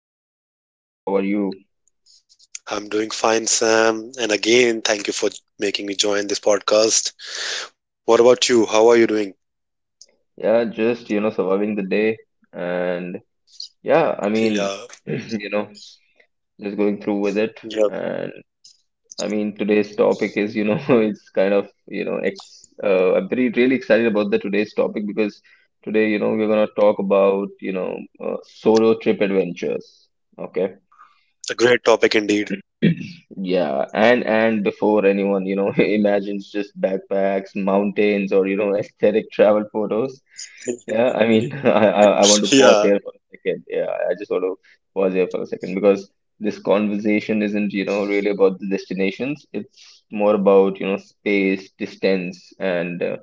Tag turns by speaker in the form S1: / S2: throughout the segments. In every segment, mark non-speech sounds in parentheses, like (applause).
S1: episode. How are you?
S2: I'm doing fine, Sam. And again, thank you for making me join this podcast. What about you? How are you doing?
S1: Yeah, just, surviving the day. And yeah,
S2: Yeah,
S1: (clears throat) you know, just going through with
S2: yeah,
S1: it. And today's topic is, (laughs) it's kind of, I'm really excited about the today's topic because today, we're gonna talk about, solo trip adventures. Okay.
S2: a great topic indeed.
S1: Yeah, and before anyone, (laughs) imagines just backpacks, mountains, or (laughs) aesthetic travel photos.
S2: (laughs)
S1: Yeah,
S2: yeah,
S1: (laughs) I want to pause here for a second. Yeah, I just want to pause here for a second because this conversation isn't, really about the destinations. It's more about, space, distance, and uh,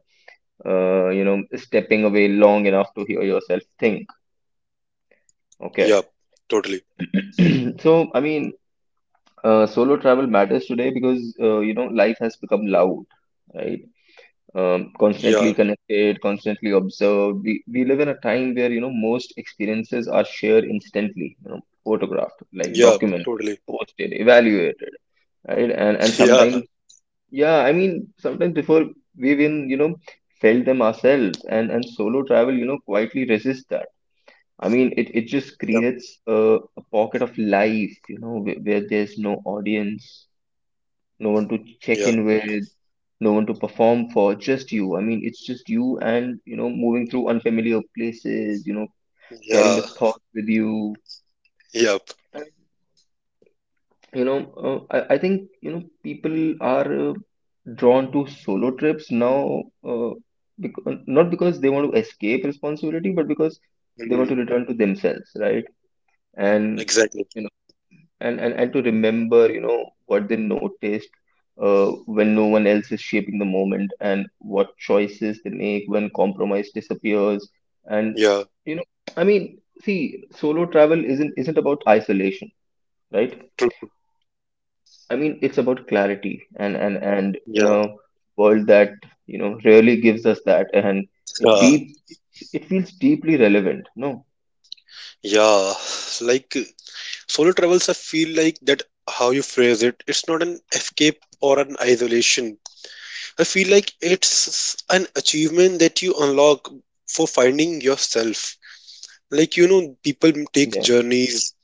S1: uh, you know, stepping away long enough to hear yourself think.
S2: yeah,
S1: Okay.
S2: totally.
S1: (clears throat) So, I mean, Solo travel matters today because life has become loud, right?
S2: Yeah,
S1: Constantly connected, constantly observed. We live in a time where most experiences are shared instantly, photographed,
S2: yeah,
S1: like
S2: totally.
S1: documented, posted, evaluated,
S2: (laughs)
S1: right? And
S2: Yeah,
S1: sometimes, yeah, sometimes before we even felt them ourselves, and solo travel, quietly resists that. It
S2: yep,
S1: just creates a pocket of life, where there's no audience, no one to
S2: yeah,
S1: check in with, no one to perform for, just you. It's just you and, moving through unfamiliar places, carrying
S2: yeah,
S1: the thoughts with you.
S2: yep.
S1: And, I think, people are drawn to solo trips now, because, not because they want to escape responsibility, but because they want to
S2: Mm,
S1: return to themselves, right? And
S2: exactly.
S1: to remember what they noticed uh, when no one else is shaping the moment and what choices they make when compromise disappears and
S2: Yeah,
S1: you know i mean see solo travel isn't about isolation, right?
S2: true.
S1: It's about clarity, and and and you
S2: Yeah,
S1: know world that really gives us that, and it
S2: uh,
S1: deep it feels deeply relevant. No,
S2: yeah. Like solo travels, I feel like that how you phrase it, it's not an escape or an isolation. I feel like it's an achievement that you unlock for finding yourself. Like, you know, people take
S1: yeah.
S2: journeys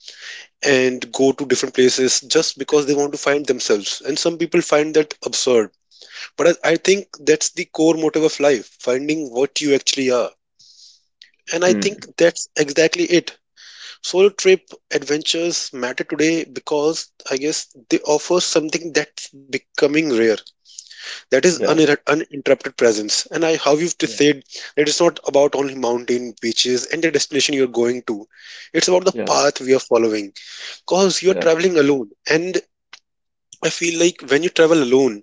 S2: and go to different places just because they want to find themselves. And some people find that absurd. But I think that's the core motive of life, finding what you actually are. And I think
S1: Hmm.
S2: that's exactly it. Solo trip adventures matter today because I guess they offer something that's becoming rare, that is
S1: Yeah,
S2: uninterrupted presence, and I how you've just
S1: yeah,
S2: said that it's not about only mountain beaches and the destination you're going to, it's about the
S1: yeah,
S2: path we are following because you're
S1: yeah.
S2: traveling alone. And I feel like when you travel alone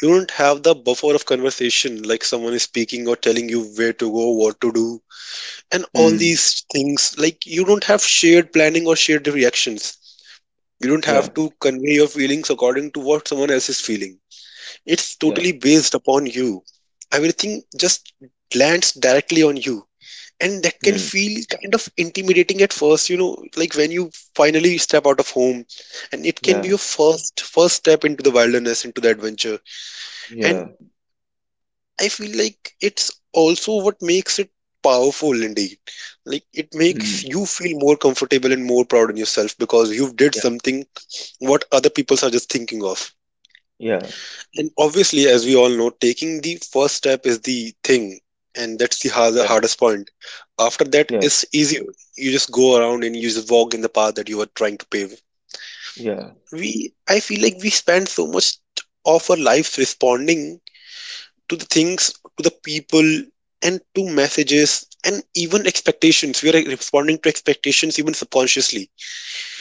S2: you don't have the buffer of conversation, like someone is speaking or telling you where to go, what to do, and all
S1: Hmm.
S2: these things. Like you don't have shared planning or shared reactions, you don't
S1: Yeah,
S2: have to convey your feelings according to what someone else is feeling. It's
S1: yeah.
S2: totally based upon you. Everything just lands directly on you. And that can
S1: Hmm.
S2: feel kind of intimidating at first, you know, like when you finally step out of home. And it can be
S1: Yeah.
S2: your first step into the wilderness, into the adventure. And
S1: Yeah.
S2: I feel like it's also what makes it powerful indeed. Like it makes
S1: Mm.
S2: you feel more comfortable and more proud in yourself because you did
S1: Yeah.
S2: something what other people are just thinking of.
S1: Yeah.
S2: And obviously, as we all know, taking the first step is the thing, and that's the
S1: Yeah.
S2: hardest point. After that,
S1: Yeah.
S2: it's easy. You just go around and you just walk in the path that you are trying to pave.
S1: Yeah.
S2: I feel like we spend so much of our lives responding to the things, to the people, and to messages, and even expectations. We are responding to expectations even subconsciously,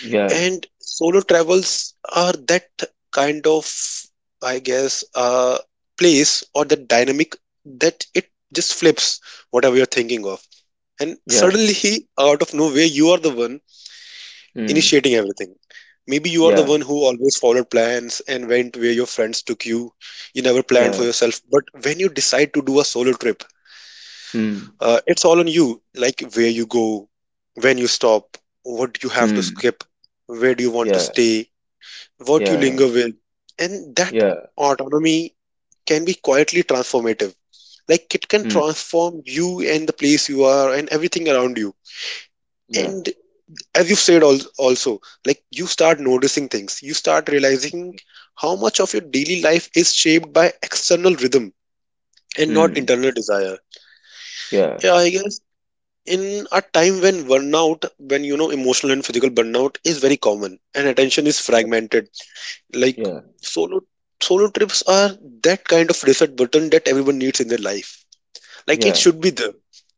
S1: Yeah.
S2: and solo travels are that kind of, I guess place, or that dynamic, that it just flips whatever you're thinking of, and
S1: Yeah.
S2: suddenly out of nowhere you are the one
S1: Mm.
S2: initiating everything. Maybe you are the one
S1: Yeah.
S2: who always followed plans and went where your friends took you. You never planned for
S1: Yeah.
S2: yourself, but when you decide to do a solo trip,
S1: Mm.
S2: it's all on you, like where you go, when you stop, what you have to
S1: Mm.
S2: skip, where do you want to
S1: Yeah.
S2: stay, what you linger
S1: Yeah.
S2: with. And that
S1: Yeah.
S2: autonomy can be quietly transformative. Like it can
S1: Mm.
S2: transform you and the place you are and everything around you.
S1: Yeah.
S2: And as you've said, also, like you start noticing things, you start realizing how much of your daily life is shaped by external rhythm and not
S1: Mm.
S2: internal desire.
S1: Yeah.
S2: Yeah, I guess in a time when burnout, when you know emotional and physical burnout is very common and attention is
S1: Yeah.
S2: fragmented. Like
S1: Yeah.
S2: solo solo trips are that kind of reset button that everyone needs in their life. Like it
S1: Yeah.
S2: should be there,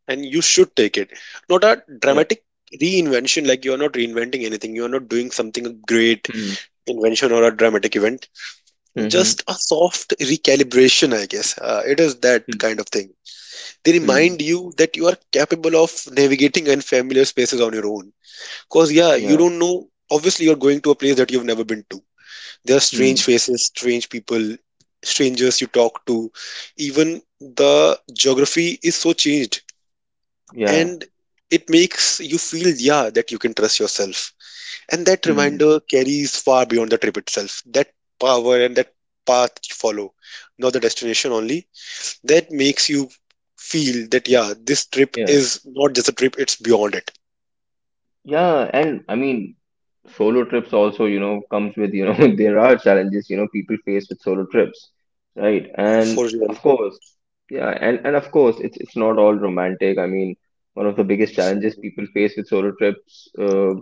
S2: and you should take it. Not a
S1: Yeah.
S2: dramatic reinvention. Like you are not reinventing anything. You are not doing something great
S1: Mm.
S2: invention or a dramatic event. Just
S1: Mm-hmm.
S2: a soft recalibration, I guess. It is that
S1: Mm.
S2: kind of thing. They
S1: Mm.
S2: remind you that you are capable of navigating unfamiliar spaces on your own. Cause yeah, you
S1: Yeah.
S2: don't know. Obviously, you're going to a place that you've never been to, there are strange
S1: Mm.
S2: faces, strange people, strangers you talk to. Even the geography is so changed.
S1: Yeah.
S2: And it makes you feel, yeah, that you can trust yourself. And that
S1: Mm.
S2: reminder carries far beyond the trip itself. That power and that path you follow, not the destination only, that makes you feel that, yeah, this trip
S1: Yeah.
S2: is not just a trip, it's beyond it.
S1: Yeah, and solo trips also, comes with, (laughs) there are challenges, people face with solo trips, right?
S2: For real.
S1: And of course, yeah, and of course, it's not all romantic. One of the biggest
S2: Hmm.
S1: challenges people face with solo trips uh,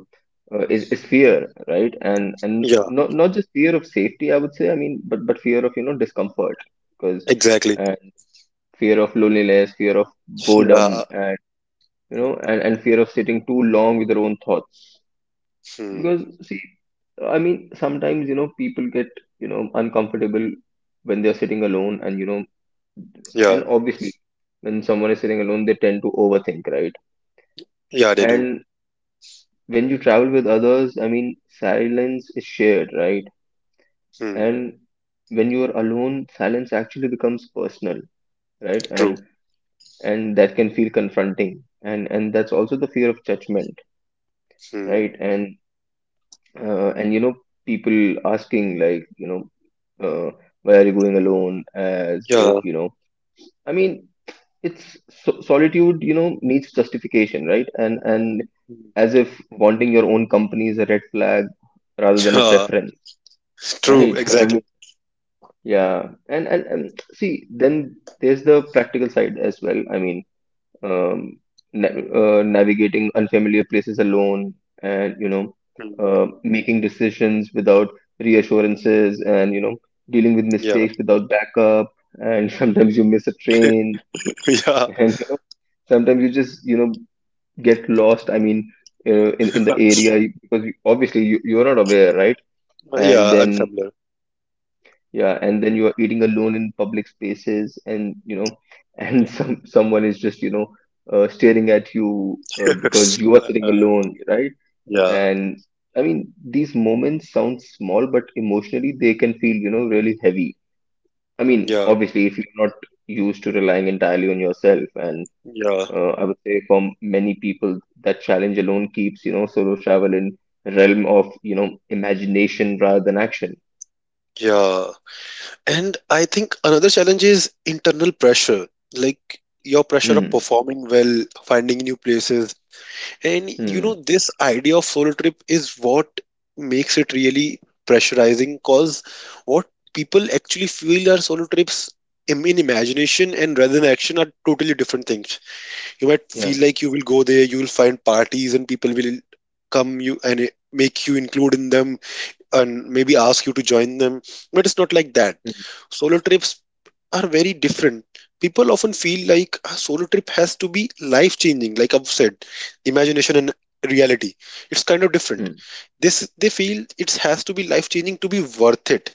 S1: uh, is is fear, right? And
S2: Yeah,
S1: not just fear of safety, I would say. But fear of, discomfort, because
S2: exactly.
S1: uh, fear of loneliness, fear of
S2: Yeah.
S1: boredom, and fear of sitting too long with their own thoughts.
S2: Hmm.
S1: Because see, sometimes, people get, uncomfortable when they're sitting alone and,
S2: Yeah.
S1: obviously when someone is sitting alone, they tend to overthink, right?
S2: Yeah, they do.
S1: And when you travel with others, silence is shared, right?
S2: Hmm.
S1: And when you are alone, silence actually becomes personal, right?
S2: True.
S1: And that can feel confronting. And that's also the fear of judgment,
S2: Hmm.
S1: right? And uh, and you know people asking like uh, why are you going alone, as if
S2: Yeah.
S1: i mean solitude needs justification, right? And
S2: Mm.
S1: As if wanting your own company is a red flag rather
S2: (laughs)
S1: than a
S2: Yeah.
S1: preference,
S2: True.
S1: right? (laughs)
S2: Exactly.
S1: Yeah. And see, then there's the practical side as well. Um, na- Navigating unfamiliar places alone, and
S2: Hmm.
S1: making decisions without reassurances, and dealing with
S2: Yeah.
S1: mistakes without backup. And (laughs) sometimes you miss a train
S2: (laughs)
S1: (laughs)
S2: Yeah.
S1: and sometimes you just get lost. In the
S2: (laughs)
S1: area, because obviously you, you're not aware, right? And
S2: yeah.
S1: then
S2: Unfamiliar.
S1: yeah, and then you are eating alone in public spaces, and (laughs) someone is just staring at you because you are sitting
S2: (laughs) uh,
S1: alone, right?
S2: yeah.
S1: And these moments sound small, but emotionally they can feel really heavy.
S2: Yeah.
S1: Obviously, if you're not used to relying entirely on yourself, and
S2: Yeah.
S1: I would say for many people, that challenge alone keeps solo travel in realm of imagination rather than action.
S2: Yeah. And I think another challenge is internal pressure, like your pressure of
S1: Hmm.
S2: performing well, finding new places. And you
S1: Hmm.
S2: know, this idea of solo trip is what makes it really pressurizing, because what people actually feel are solo trips, in imagination and rather than action, are totally different things. You might
S1: Yeah.
S2: feel like you will go there, you will find parties, and people will come you and make you include in them and maybe ask you to join them. But it's not like that.
S1: Hmm.
S2: Solo trips are very different. People often feel like a solo trip has to be life changing, like I've said, imagination and reality. It's kind of different.
S1: Hmm.
S2: This they feel it has to be life changing to be worth it.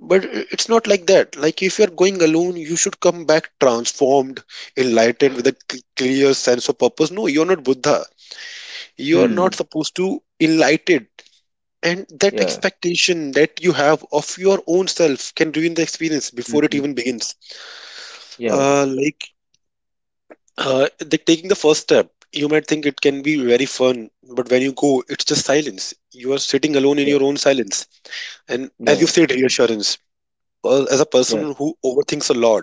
S2: But it's not like that. Like if you're going alone, you should come back transformed, enlightened, with a clear sense of purpose. No, you're not Buddha. You're not
S1: Mm,
S2: supposed to enlightened. And that
S1: yeah.
S2: expectation that you have of your own self can ruin the experience before it
S1: Mhm.
S2: even begins.
S1: Yeah.
S2: Uh, like Taking the first step, you might think it can be very fun, but when you go, it's just silence. You are sitting alone in your
S1: Yeah.
S2: own silence. And as you
S1: Yeah.
S2: said, reassurance. As a
S1: Yeah.
S2: person who overthinks a lot,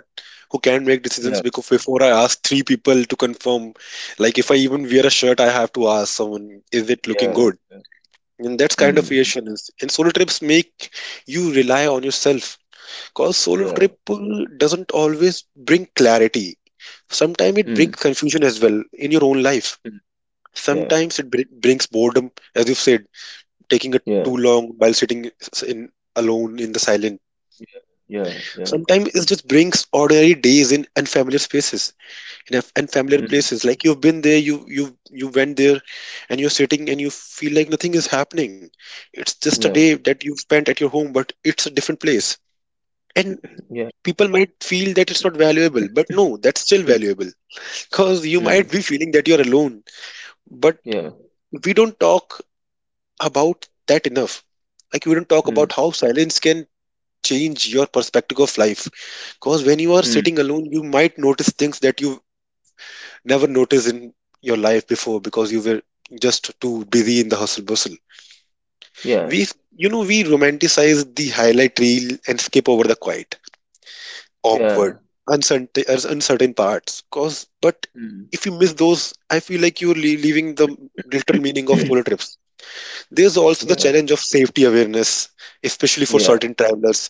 S2: who can't make decisions
S1: Yeah.
S2: because before I ask three people to confirm, like if I even wear a shirt, I have to ask someone, is it looking
S1: Yeah.
S2: good? And that's kind of
S1: Mm.
S2: reassurance. And solo trips make you rely on yourself, because solo
S1: Yeah.
S2: trip doesn't always bring clarity. Sometimes it brings
S1: Mm.
S2: confusion as well in your own life.
S1: Mm. Yeah.
S2: Sometimes it brings boredom, as you've said, taking it too
S1: Yeah.
S2: long while sitting s- in alone in the silent.
S1: Yeah. Yeah. Yeah.
S2: Sometimes it just brings ordinary days in unfamiliar spaces, in unfamiliar
S1: Mm.
S2: places, like you've been there, you went there, and you're sitting and you feel like nothing is happening. It's just a day
S1: Yeah.
S2: that you've spent at your home, but it's a different place, and
S1: Yeah.
S2: people might feel that it's not valuable, but no, that's still
S1: Mm.
S2: valuable because you
S1: Mm.
S2: might be feeling that you're alone, but
S1: Yeah.
S2: we don't talk about that enough. Like we don't talk
S1: Mm.
S2: about how silence can change your perspective of life. Because when you are
S1: Mm.
S2: sitting alone, you might notice things that you never noticed in your life before, because you were just too busy in the hustle bustle.
S1: Yeah.
S2: We, you know, we romanticize the highlight reel and skip over the quiet, awkward,
S1: Yeah.
S2: uncertain parts. Cause, but
S1: Mm.
S2: if you miss those, I feel like you're leaving the literal meaning of solo
S1: (clears throat)
S2: trips. There's also the
S1: Yeah.
S2: challenge of safety awareness, especially for
S1: Yeah.
S2: certain travelers.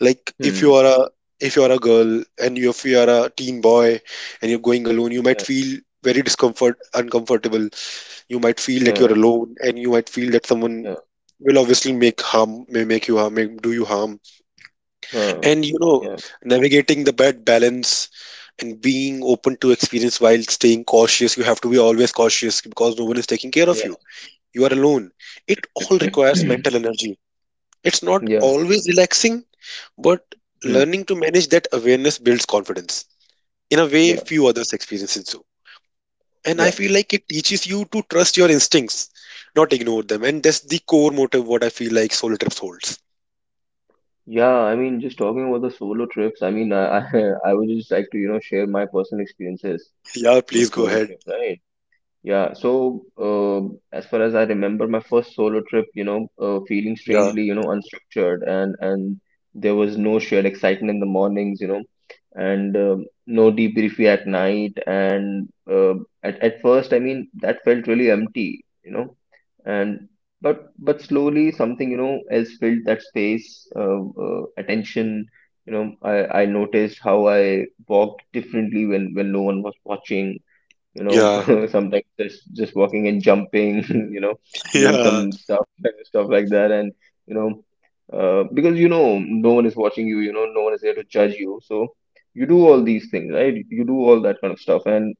S2: Like
S1: Mm.
S2: if you are a girl, and you, if you are a teen boy and you're going alone, you might
S1: Yeah.
S2: feel very discomfort uncomfortable. You might feel that you're
S1: Yeah.
S2: alone, and you might feel that someone
S1: Yeah.
S2: will obviously make harm may make you harm may do you harm,
S1: Yeah.
S2: and you know,
S1: Yeah.
S2: navigating the bad balance and being open to experience while staying cautious, you have to be always cautious because no one is taking care of
S1: Yeah.
S2: you, you are alone. It all requires
S1: (clears throat)
S2: mental energy. It's not
S1: Yeah.
S2: always relaxing, but
S1: Hmm.
S2: learning to manage that awareness builds confidence in a way
S1: Yeah.
S2: few others experiences do. And I
S1: Yeah.
S2: feel like it teaches you to trust your instincts, not ignore them. And that's the core motive what I feel like solo trips holds.
S1: Yeah. Just talking about the solo trips, (laughs) I would just like to, share my personal experiences
S2: Yeah,
S1: with
S2: please go
S1: solo
S2: ahead.
S1: trip, right? Yeah. So, as far as I remember, my first solo trip,
S2: Yeah,
S1: feeling strangely, unstructured, and there was no shared excitement in the mornings, you know, and no debriefing at night, and at first, that felt really empty, and but slowly something, else filled that space, uh, attention. I noticed how I walked differently when no one was watching, you know
S2: yeah,
S1: (laughs) sometimes just walking and jumping. (laughs) you know
S2: (laughs)
S1: Doing
S2: yeah,
S1: some stuff (laughs) stuff like that, and you know because no one is watching you, you know no one is there to judge you, so you do all these things, right? You do all that kind of stuff. And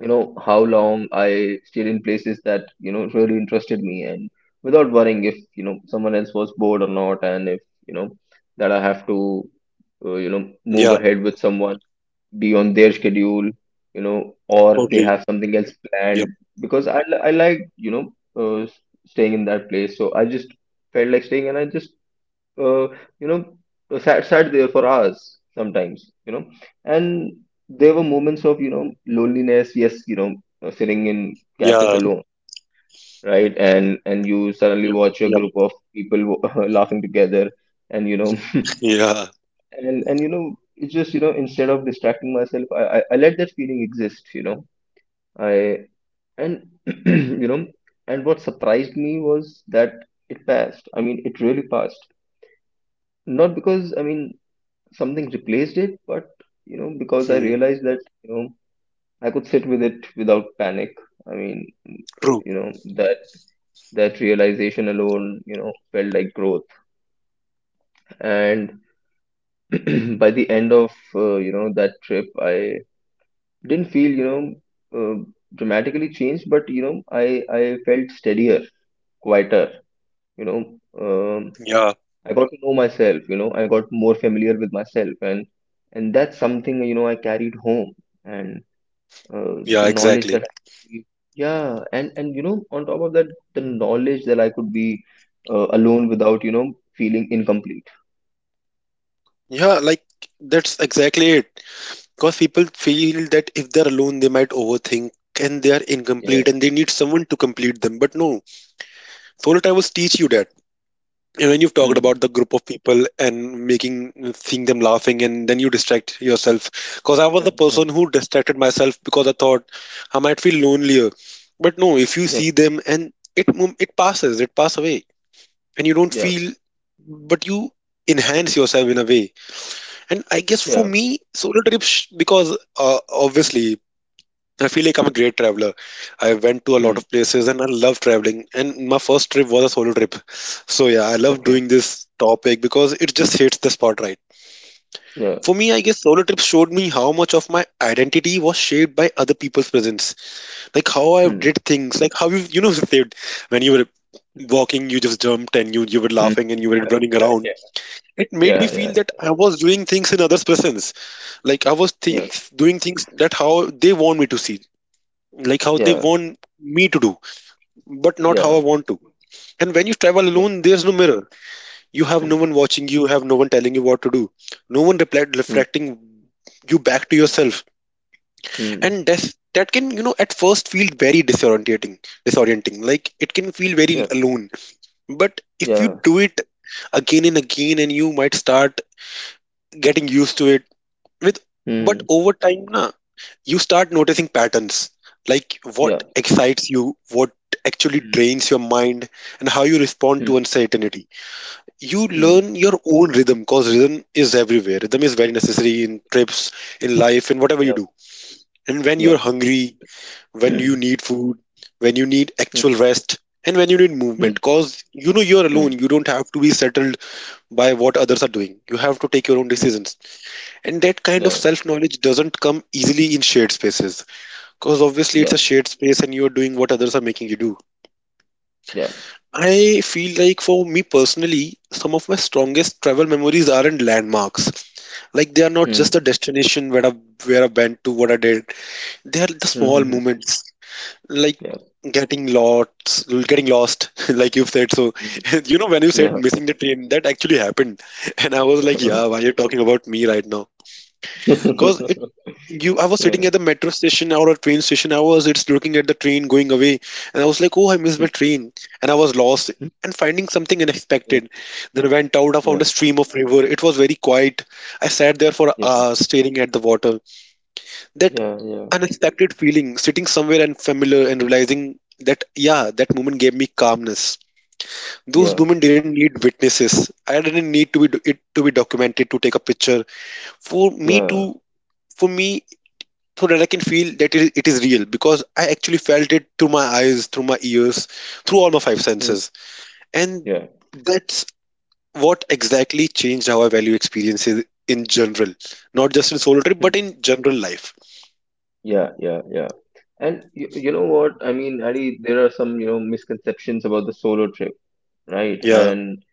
S1: how long I stayed in places that really interested me, and without worrying if someone else was bored or not, and if you know that I have to
S2: yeah,
S1: move ahead with someone, be on their schedule,
S2: totally.
S1: or
S2: Yep,
S1: they have something else planned. Because I, I like, staying in that place. So I just felt like staying, and I just, uh, you know, sat there for hours sometimes, And there were moments of, loneliness. Yes, sitting
S2: yeah,
S1: in cafes alone, right? And
S2: yep,
S1: you
S2: yep,
S1: suddenly watch a group of people (laughs) laughing together, and,
S2: yeah.
S1: (laughs) and it's just, instead of distracting myself, I let that feeling exist, you know I and (clears throat) you know and what surprised me was that it passed. It really passed, not because something replaced it, but because I
S2: Hmm.
S1: realized that I could sit with it without panic. i mean
S2: True.
S1: that realization alone felt like growth. And (clears throat) by the end of that trip, I didn't feel uh, dramatically changed, but i I felt steadier, quieter, you know um,
S2: Yeah,
S1: I got to know myself. I got more familiar with myself, and that's something I carried home. And uh,
S2: yeah,
S1: the knowledge
S2: exactly.
S1: that I, yeah, and on top of that, the knowledge that I could be alone without feeling incomplete.
S2: Yeah, like that's exactly it. Because people feel that if they're alone, they might overthink and they are
S1: Yeah.
S2: incomplete and they need someone to complete them. But no, solo travels teach you that. And when you've talked
S1: Hmm.
S2: about the group of people and making seeing them laughing and then you distract
S1: Yeah,
S2: yourself. Because I was
S1: yeah,
S2: the
S1: yeah,
S2: person who distracted myself because I thought I might feel lonelier. But no, if you
S1: yeah,
S2: see them and it it passes, it pass away, and you don't
S1: yeah,
S2: feel, but you enhance yourself in a way. And I guess for
S1: yeah.
S2: me, solo trips, because obviously I feel like I'm a great traveler. I went to a lot
S1: Hmm.
S2: of places and I love traveling. And my first trip was a solo trip. So, yeah, I love
S1: Okay.
S2: doing this topic because it just hits the spot right.
S1: Yeah.
S2: For me, I guess solo trips showed me how much of my identity was shaped by other people's presence. Like how I
S1: Hmm.
S2: did things, like how you, you know, (laughs) said when you were walking, you just jumped and you were
S1: Mm.
S2: laughing and you were
S1: (laughs)
S2: running around. It made me
S1: Yeah,
S2: feel that
S1: yeah,
S2: I was doing things in others' presence. Like I was
S1: yeah,
S2: doing things that how they want me to see, like how
S1: yeah,
S2: they
S1: yeah,
S2: want me to do, but
S1: yeah,
S2: not how
S1: yeah,
S2: I want to. And when you travel
S1: yeah.
S2: alone, there's no mirror. You have no one
S1: (clears throat)
S2: watching you, have no one telling you what to do, no one
S1: Mm,
S2: reflecting you back to yourself.
S1: mm,
S2: And that can, you know, at first feel very disorienting. Like it can feel very
S1: yeah,
S2: alone. But if you
S1: yeah,
S2: do it again and again, and you might start getting used to it with but
S1: mm,
S2: over time na you start noticing patterns, like what
S1: yeah,
S2: excites you, what actually
S1: mm,
S2: drains your mind, and how you respond
S1: mm,
S2: to uncertainty. You
S1: mm,
S2: learn your own rhythm, because rhythm is everywhere. Rhythm is very necessary in trips, in life, in whatever you
S1: yeah,
S2: do, and when
S1: yeah,
S2: you're
S1: (clears throat)
S2: hungry, when you
S1: mm,
S2: need food, when you need actual rest, and when you need movement.
S1: mm,
S2: Because you know you're alone,
S1: mm,
S2: you don't have to be settled by what others are doing. You have to take your own
S1: mm,
S2: decisions, and that kind of
S1: yeah,
S2: self knowledge doesn't come easily in shared spaces, because obviously it's
S1: yeah,
S2: a shared space and you're doing what others are making you do.
S1: yeah,
S2: I feel like for me personally, some of my strongest travel memories aren't landmarks. Like they are not just the
S1: mm,
S2: destination where I went to, what I did. They are the
S1: mm,
S2: small
S1: mm,
S2: moments, like
S1: yeah,
S2: getting lost, (laughs) like you've said. So,
S1: mm,
S2: (laughs) you know, when you said
S1: yeah,
S2: missing the train, that actually happened, and I was like, yeah, why are you talking about me right now? Because
S1: (laughs)
S2: you, I was sitting at
S1: yeah,
S2: the metro station or a train station. I was just looking at the train going away, and I was like, "Oh, I missed my
S1: mm,
S2: train," and I was lost
S1: mm,
S2: and finding something
S1: yeah,
S2: unexpected. Then I went out. I found
S1: yeah,
S2: a stream of river. It was very quiet. I sat there for
S1: yeah, yeah,
S2: hours staring at the water. That
S1: yeah,
S2: unexpected feeling, sitting somewhere unfamiliar and realizing that yeah, that moment gave me calmness. Those
S1: yeah,
S2: women didn't need witnesses. I didn't need to be it to be documented, to take a picture for me
S1: yeah,
S2: to for me so that I can feel that it is real, because I actually felt it through my eyes, through my ears, through all my five
S1: mm,
S2: senses. And
S1: yeah,
S2: that's what exactly changed how I value experiences in general, not just in solo trip,
S1: mm,
S2: but in general life.
S1: yeah, yeah, yeah. And you know what? Adi, there are some, misconceptions about the solo trip, right?
S2: Yeah,
S1: And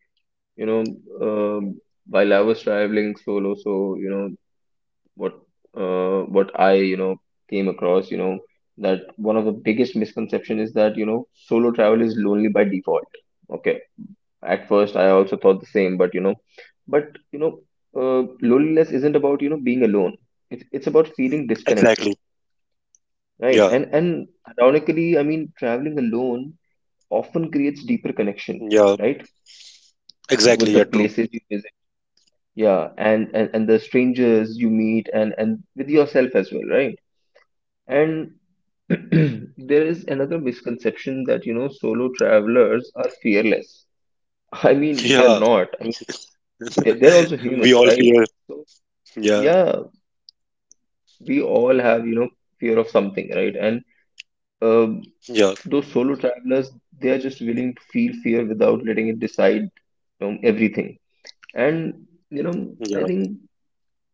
S1: you know, um, while I was traveling solo, so you know what what I came across, that one of the biggest misconception is that solo travel is lonely by default. Okay, at first I also thought the same, but loneliness isn't about being alone. It's about feeling disconnected,
S2: exactly.
S1: right?
S2: Yeah,
S1: And ironically, traveling alone often creates deeper connection,
S2: yeah,
S1: right? With
S2: exactly.
S1: the
S2: Yeah, true.
S1: places you visit, yeah, and the strangers you meet, and with yourself as well, right? And (clears throat) there is another misconception that solo travelers are fearless.
S2: Yeah,
S1: They're not. They're also
S2: (laughs) we
S1: humans,
S2: all
S1: right?
S2: fear.
S1: So
S2: Yeah,
S1: yeah, we all have, fear of something, right? And um,
S2: yeah,
S1: those solo travelers, they are just willing to feel fear without letting it decide, everything. And you know
S2: yeah.
S1: i think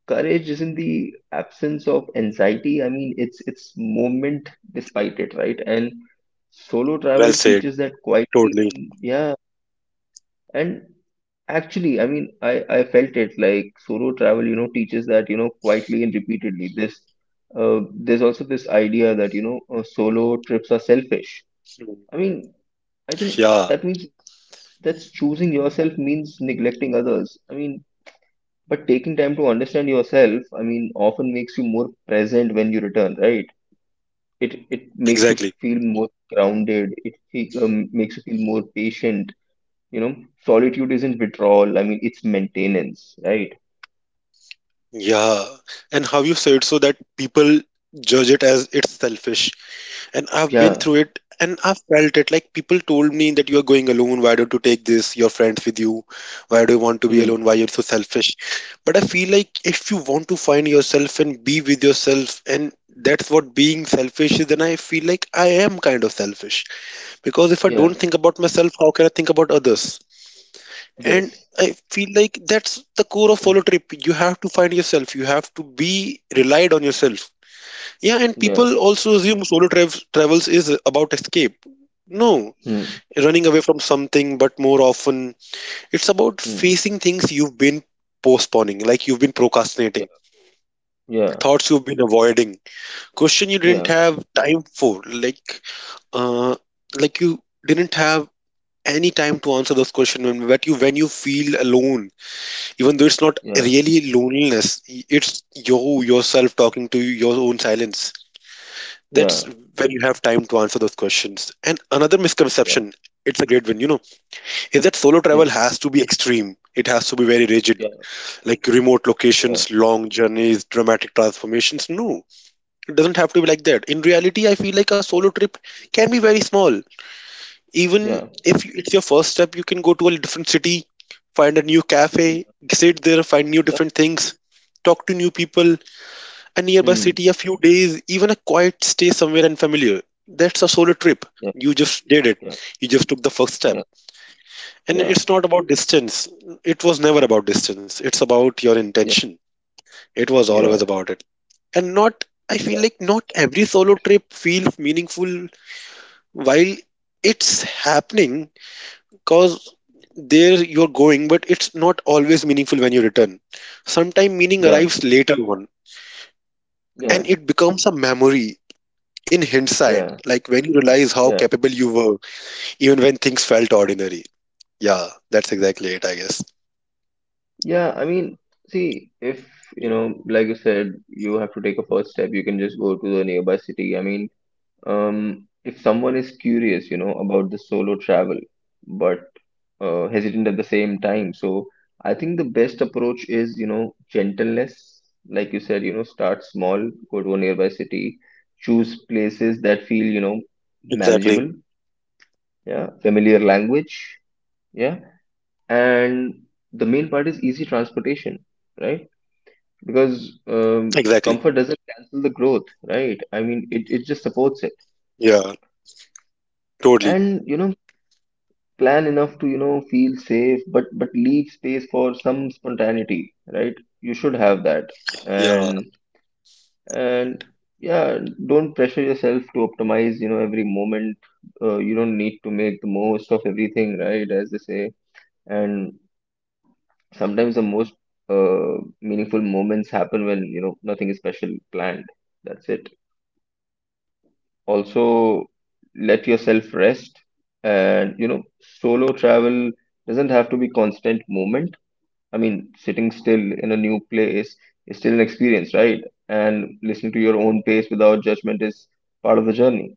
S1: courage isn't the absence of anxiety. It's movement despite it, right? And solo
S2: Well
S1: travel
S2: said.
S1: teaches that quietly,
S2: Totally.
S1: and yeah, and actually I felt it. Like, solo travel, teaches that quietly and repeatedly. This, there's also this idea that solo trips are selfish. I mean i think
S2: Yeah,
S1: that means that's choosing yourself means neglecting others. But taking time to understand yourself, often makes you more present when you return, right? It makes you
S2: exactly.
S1: feel more grounded. It makes you feel more patient. You know, solitude isn't withdrawal. It's maintenance, right?
S2: Yeah, and how you said, so that people judge it as it's selfish. And I've been
S1: Yeah.
S2: through it and I've felt it. Like people told me that you're going alone. Why don't you take this, your friends with you? Why do you want to be
S1: Hmm.
S2: alone? Why you're so selfish? But I feel like if you want to find yourself and be with yourself, and that's what being selfish is, then I feel like I am kind of selfish. Because if I
S1: Yeah.
S2: don't think about myself, how can I think about others? And
S1: Yes.
S2: I feel like that's the core of solo
S1: (clears throat)
S2: trip. You have to find yourself. You have to be relied on yourself. Yeah, and
S1: Yeah.
S2: people also assume solo travels is about escape. No,
S1: Hmm.
S2: running away from something, but more often it's about
S1: Hmm.
S2: facing things you've been postponing, like you've been
S1: Yeah.
S2: procrastinating,
S1: Yeah.
S2: thoughts you've been avoiding, question you didn't
S1: Yeah.
S2: have time for, uh, like you didn't have any time to answer those questions when, but you, when you feel alone, even though it's not
S1: Yeah.
S2: really loneliness, it's you yourself talking to your own silence. That's
S1: Yeah.
S2: when you have time to answer those questions. And another
S1: Yeah.
S2: misconception, it's a great one, you know, is that solo
S1: Yeah.
S2: travel has to be extreme. It has to be very rigid,
S1: Yeah.
S2: like remote
S1: Yeah.
S2: locations, long journeys, dramatic transformations. No, it doesn't have to be like that. In reality, I feel like a solo trip can be very small.
S1: Yeah.
S2: Even
S1: Yeah.
S2: if it's your first step, you can go to a different city, find a new cafe,
S1: Yeah.
S2: sit there, find new
S1: Yeah.
S2: different things, talk to new people, a nearby
S1: Hmm.
S2: city, a few days, even a quiet stay somewhere unfamiliar. That's a solo trip.
S1: Yeah.
S2: You just did it.
S1: Yeah.
S2: You just took the first step.
S1: Yeah.
S2: And
S1: Yeah.
S2: it's not about distance. It was never about distance. It's about your
S1: Yeah.
S2: intention. It was always about it. And not, I
S1: Yeah.
S2: feel
S1: Yeah.
S2: like not every solo trip feels meaningful while it's happening, because there you're going, but it's not always meaningful when you return. Sometimes meaning
S1: Yeah.
S2: arrives later on and
S1: Yeah.
S2: it becomes a memory in hindsight,
S1: Yeah.
S2: like when you realize how
S1: Yeah,
S2: capable you were, even when things felt ordinary. Yeah, that's exactly it, I guess.
S1: yeah. See, if like you said, you have to take a first step. You can just go to the nearby city. If someone is curious, about the solo travel, but hesitant at the same time, so I think the best approach is, gentleness. Like you said, start small, go to a nearby city, choose places that feel,
S2: Exactly.
S1: manageable. Yeah, familiar language. Yeah. And the main part is easy transportation, right? Because
S2: Exactly.
S1: comfort doesn't cancel the growth, right? It, it just supports it.
S2: Yeah, totally.
S1: And plan enough to feel safe, but leave space for some spontaneity, right? You should have that. and
S2: Yeah.
S1: and yeah, don't pressure yourself to optimize every moment. You don't need to make the most of everything, right, as they say. And sometimes the most meaningful moments happen when nothing is special planned. That's it. Also, let yourself rest, and you know, solo travel doesn't have to be constant movement. Sitting still in a new place is still an experience, right? And listening to your own pace without judgment is part of the journey.